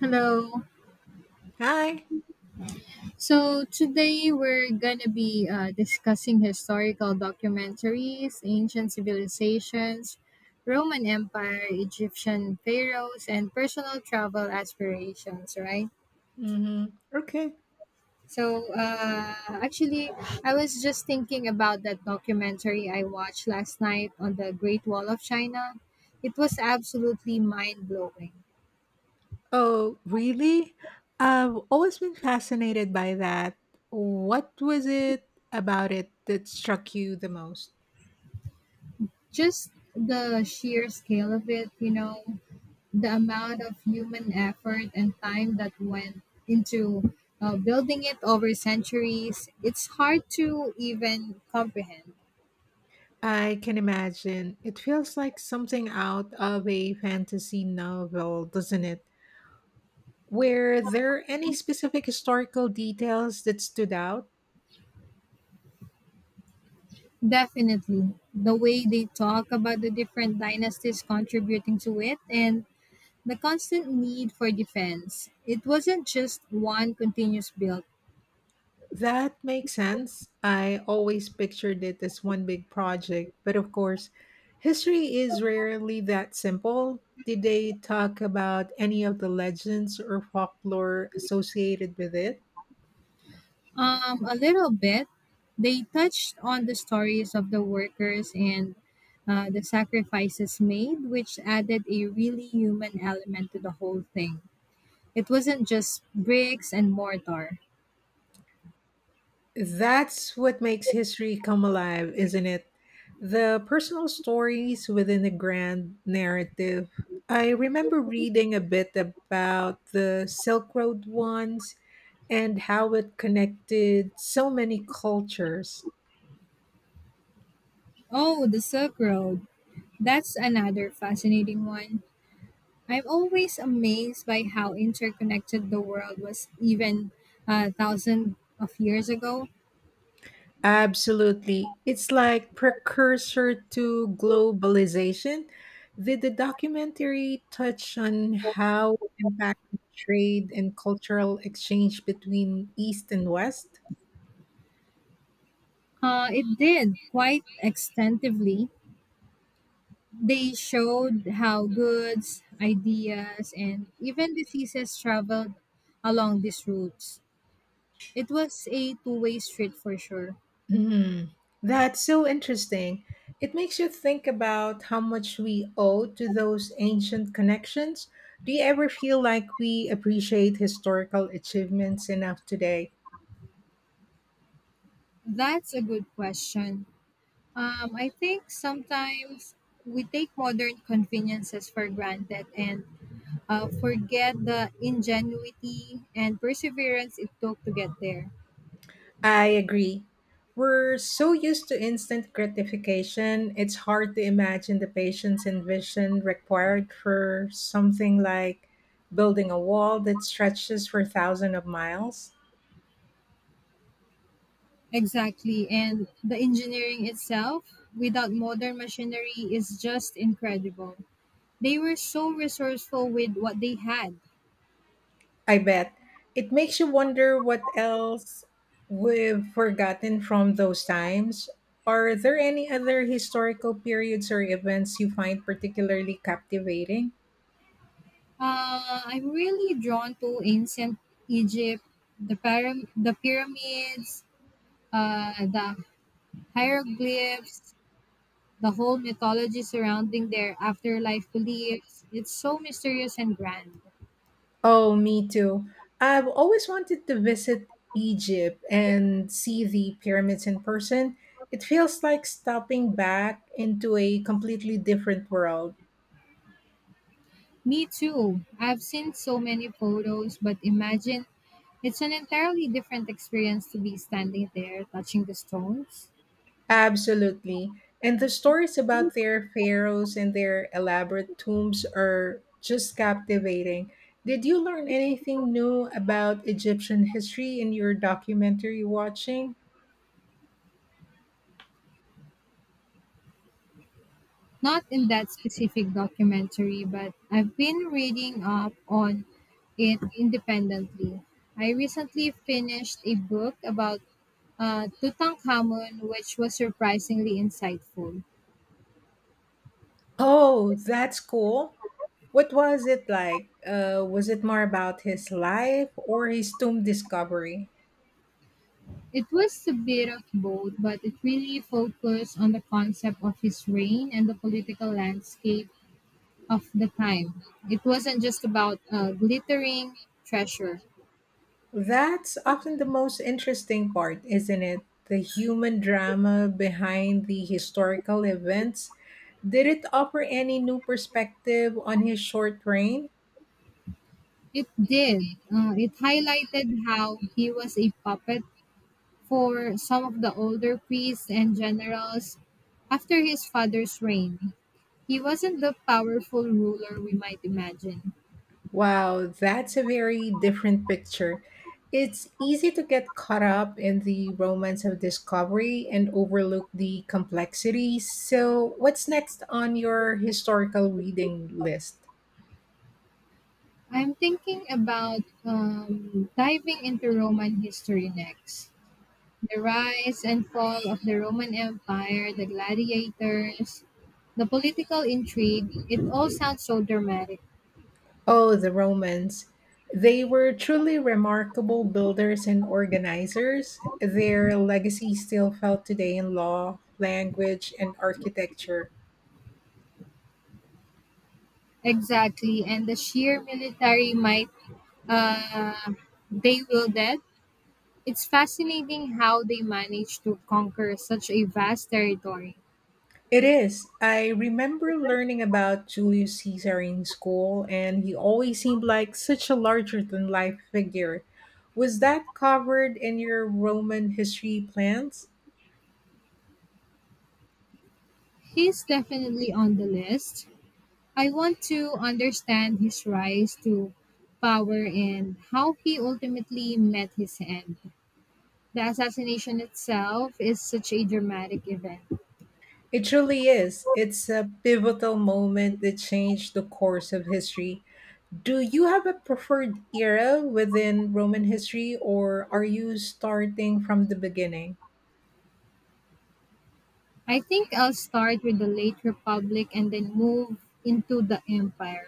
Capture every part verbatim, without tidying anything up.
Hello. Hi. So today we're gonna be uh, discussing historical documentaries, ancient civilizations, Roman Empire, Egyptian pharaohs, and personal travel aspirations. Right. Hmm. Okay. So uh, actually, I was just thinking about that documentary I watched last night on the Great Wall of China. It was absolutely mind blowing. Oh, really? I've always been fascinated by that. What was it about it that struck you the most? Just the sheer scale of it, you know. The amount of human effort and time that went into uh, building it over centuries, it's hard to even comprehend. I can imagine. It feels like something out of a fantasy novel, doesn't it? Were there any specific historical details that stood out? Definitely, the way they talk about the different dynasties contributing to it and the constant need for defense. It wasn't just one continuous build. That makes sense. I always pictured it as one big project, but of course, history is rarely that simple. Did they talk about any of the legends or folklore associated with it? Um, a little bit. They touched on the stories of the workers and uh, the sacrifices made, which added a really human element to the whole thing. It wasn't just bricks and mortar. That's what makes history come alive, isn't it? The personal stories within the grand narrative. I remember reading a bit about the Silk Road once, and how it connected so many cultures. Oh, the Silk Road. That's another fascinating one. I'm always amazed by how interconnected the world was even a thousand of years ago. Absolutely. It's like precursor to globalization. Did the documentary touch on how it impacted trade and cultural exchange between East and West? Uh, it did quite extensively. They showed how goods, ideas, and even diseases traveled along these routes. It was a two way street for sure. Mm, that's so interesting. It makes you think about how much we owe to those ancient connections. Do you ever feel like we appreciate historical achievements enough today? That's a good question. Um, I think sometimes we take modern conveniences for granted and uh, forget the ingenuity and perseverance it took to get there. I agree. We're so used to instant gratification, it's hard to imagine the patience and vision required for something like building a wall that stretches for thousands of miles. Exactly. And the engineering itself without modern machinery is just incredible. They were so resourceful with what they had. I bet. It makes you wonder what else we've forgotten from those times. Are there any other historical periods or events you find particularly captivating? Uh, I'm really drawn to ancient Egypt, the, pyram- the pyramids, uh, the hieroglyphs, the whole mythology surrounding their afterlife beliefs. It's so mysterious and grand. Oh, me too. I've always wanted to visit Egypt and see the pyramids in person. It feels like stepping back into a completely different world. Me too. I've seen so many photos, but imagine it's an entirely different experience to be standing there touching the stones. Absolutely. And the stories about their pharaohs and their elaborate tombs are just captivating. Did you learn anything new about Egyptian history in your documentary watching? Not in that specific documentary, but I've been reading up on it independently. I recently finished a book about uh, Tutankhamun, which was surprisingly insightful. Oh, that's cool. What was it like? Uh, was it more about his life or his tomb discovery? It was a bit of both, but it really focused on the concept of his reign and the political landscape of the time. It wasn't just about uh, glittering treasure. That's often the most interesting part, isn't it? The human drama behind the historical events. Did it offer any new perspective on his short reign? It did. Uh, it highlighted how he was a puppet for some of the older priests and generals after his father's reign. He wasn't the powerful ruler we might imagine. Wow, that's a very different picture. It's easy to get caught up in the romance of discovery and overlook the complexities. So, what's next on your historical reading list? I'm thinking about um, diving into Roman history next. The rise and fall of the Roman Empire, the gladiators, the political intrigue, it all sounds so dramatic. Oh, the Romans. They were truly remarkable builders and organizers. Their legacy still felt today in law, language, and architecture. Exactly, and the sheer military might uh, they wielded. It's fascinating how they managed to conquer such a vast territory. It is. I remember learning about Julius Caesar in school, and he always seemed like such a larger than life figure. Was that covered in your Roman history plans? He's definitely on the list. I want to understand his rise to power and how he ultimately met his end. The assassination itself is such a dramatic event. It truly is. It's a pivotal moment that changed the course of history. Do you have a preferred era within Roman history, or are you starting from the beginning? I think I'll start with the late Republic and then move into the Empire.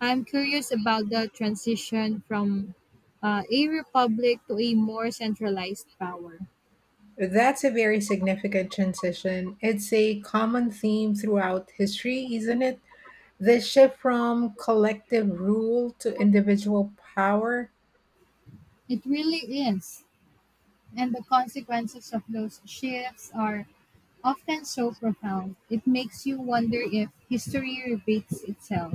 I'm curious about the transition from uh, a republic to a more centralized power. That's a very significant transition. It's a common theme throughout history, isn't it? The shift from collective rule to individual power. It really is. And the consequences of those shifts are often so profound, it makes you wonder if history repeats itself.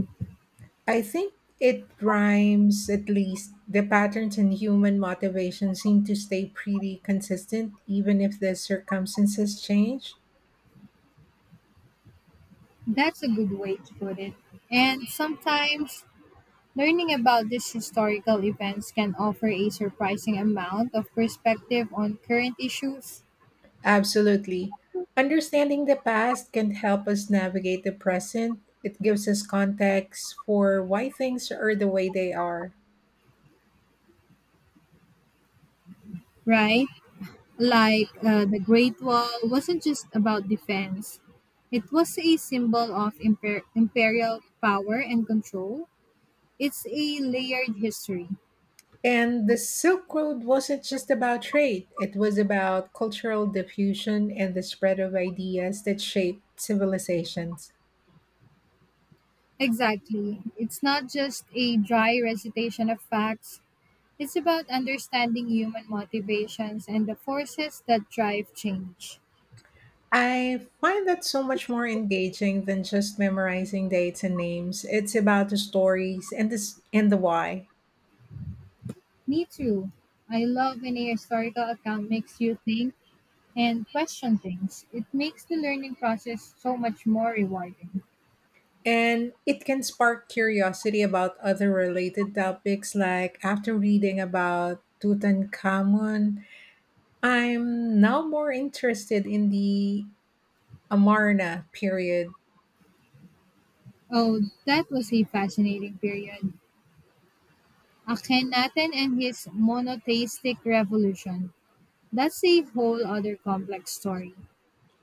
I think it rhymes, at least. The patterns in human motivation seem to stay pretty consistent, even if the circumstances change. That's a good way to put it. And sometimes learning about these historical events can offer a surprising amount of perspective on current issues, Absolutely. Understanding the past can help us navigate the present. It gives us context for why things are the way they are. right? Like uh, the Great Wall wasn't just about defense, it was a symbol of imper- imperial power and control. It's a layered history. And the Silk Road wasn't just about trade, it was about cultural diffusion and the spread of ideas that shaped civilizations. Exactly. It's not just a dry recitation of facts, it's about understanding human motivations and the forces that drive change. I find that so much more engaging than just memorizing dates and names. It's about the stories and the, s- and the why. Me too. I love when a historical account makes you think and question things. It makes the learning process so much more rewarding. And it can spark curiosity about other related topics. Like after reading about Tutankhamun, I'm now more interested in the Amarna period. Oh, that was a fascinating period. Akhenaten and his monotheistic revolution. That's a whole other complex story.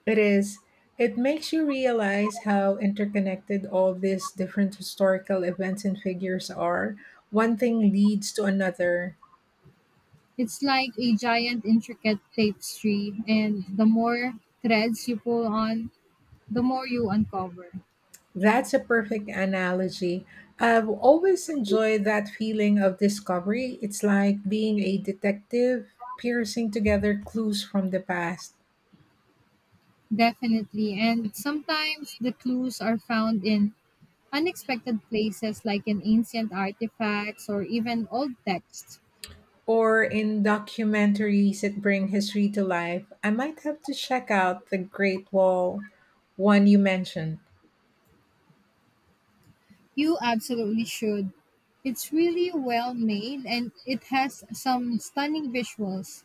It is, it makes you realize how interconnected all these different historical events and figures are. One thing leads to another. It's like a giant intricate tapestry, and the more threads you pull on, the more you uncover. That's a perfect analogy. I've always enjoyed that feeling of discovery. It's like being a detective piercing together clues from the past. Definitely. And sometimes the clues are found in unexpected places like in ancient artifacts or even old texts. Or in documentaries that bring history to life, I might have to check out the Great Wall one you mentioned. You absolutely should. It's really well made and it has some stunning visuals.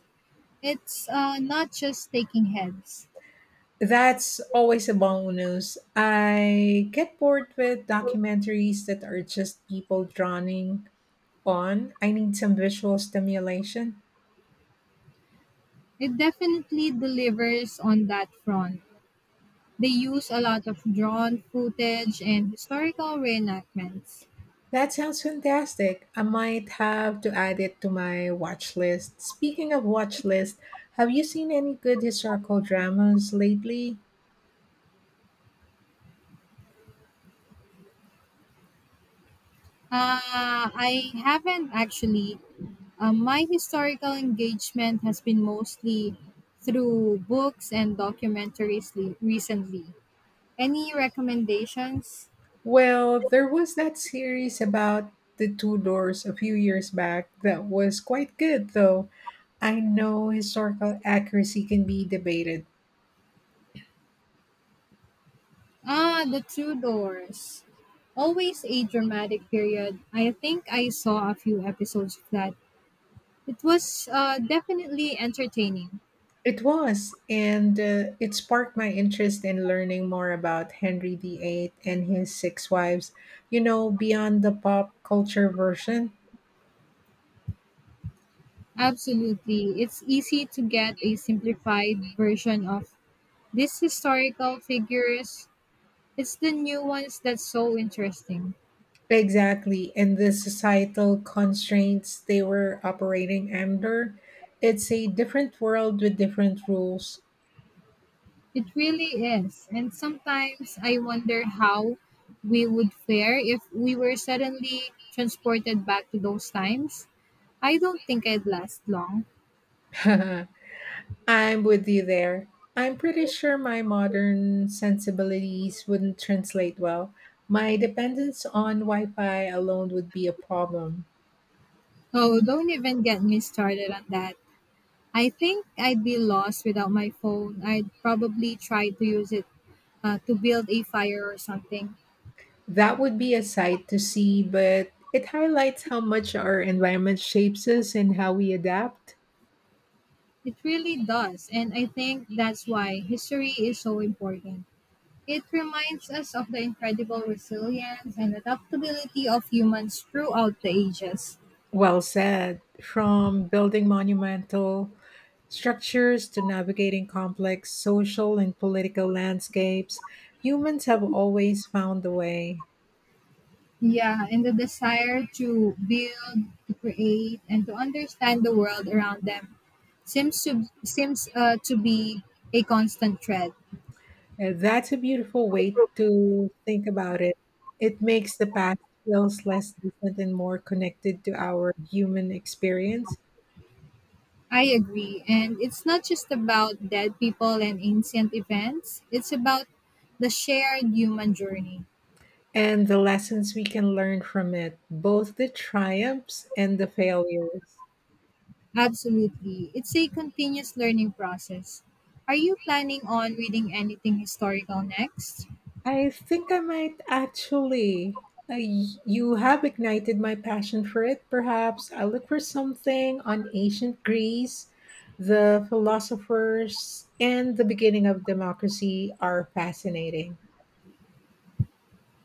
It's uh, not just taking heads. That's always a bonus. I get bored with documentaries that are just people droning on. I need some visual stimulation. It definitely delivers on that front. They use a lot of drawn footage and historical reenactments. That sounds fantastic. I might have to add it to my watch list. Speaking of watch list, have you seen any good historical dramas lately? Uh, I haven't actually. Uh, my historical engagement has been mostly through books and documentaries le- recently. Any recommendations? Well, there was that series about the Tudors a few years back that was quite good, though. I know historical accuracy can be debated. Ah, The Tudors. Always a dramatic period. I think I saw a few episodes of that. It was uh, definitely entertaining. It was, and uh, it sparked my interest in learning more about Henry the eighth and his six wives, you know, beyond the pop culture version. Absolutely. It's easy to get a simplified version of these historical figures. It's the new ones that's so interesting. Exactly. And the societal constraints they were operating under, it's a different world with different rules. It really is. And sometimes I wonder how we would fare if we were suddenly transported back to those times. I don't think I'd last long. I'm with you there. I'm pretty sure my modern sensibilities wouldn't translate well. My dependence on Wi Fi alone would be a problem. Oh, don't even get me started on that. I think I'd be lost without my phone. I'd probably try to use it uh, to build a fire or something. That would be a sight to see, but it highlights how much our environment shapes us and how we adapt. It really does, and I think that's why history is so important. It reminds us of the incredible resilience and adaptability of humans throughout the ages. Well said. From building monumental structures to navigating complex social and political landscapes, humans have always found a way. Yeah, and the desire to build, to create, and to understand the world around them seems to seems uh, to be a constant thread. Uh, That's a beautiful way to think about it. It makes the past feels less distant and more connected to our human experience I agree, and it's not just about dead people and ancient events. It's about the shared human journey. and the lessons we can learn from it, both the triumphs and the failures. Absolutely. It's a continuous learning process. Are you planning on reading anything historical next? I think I might actually. Uh, y- you have ignited my passion for it. Perhaps I look for something on ancient Greece. The philosophers and the beginning of democracy are fascinating.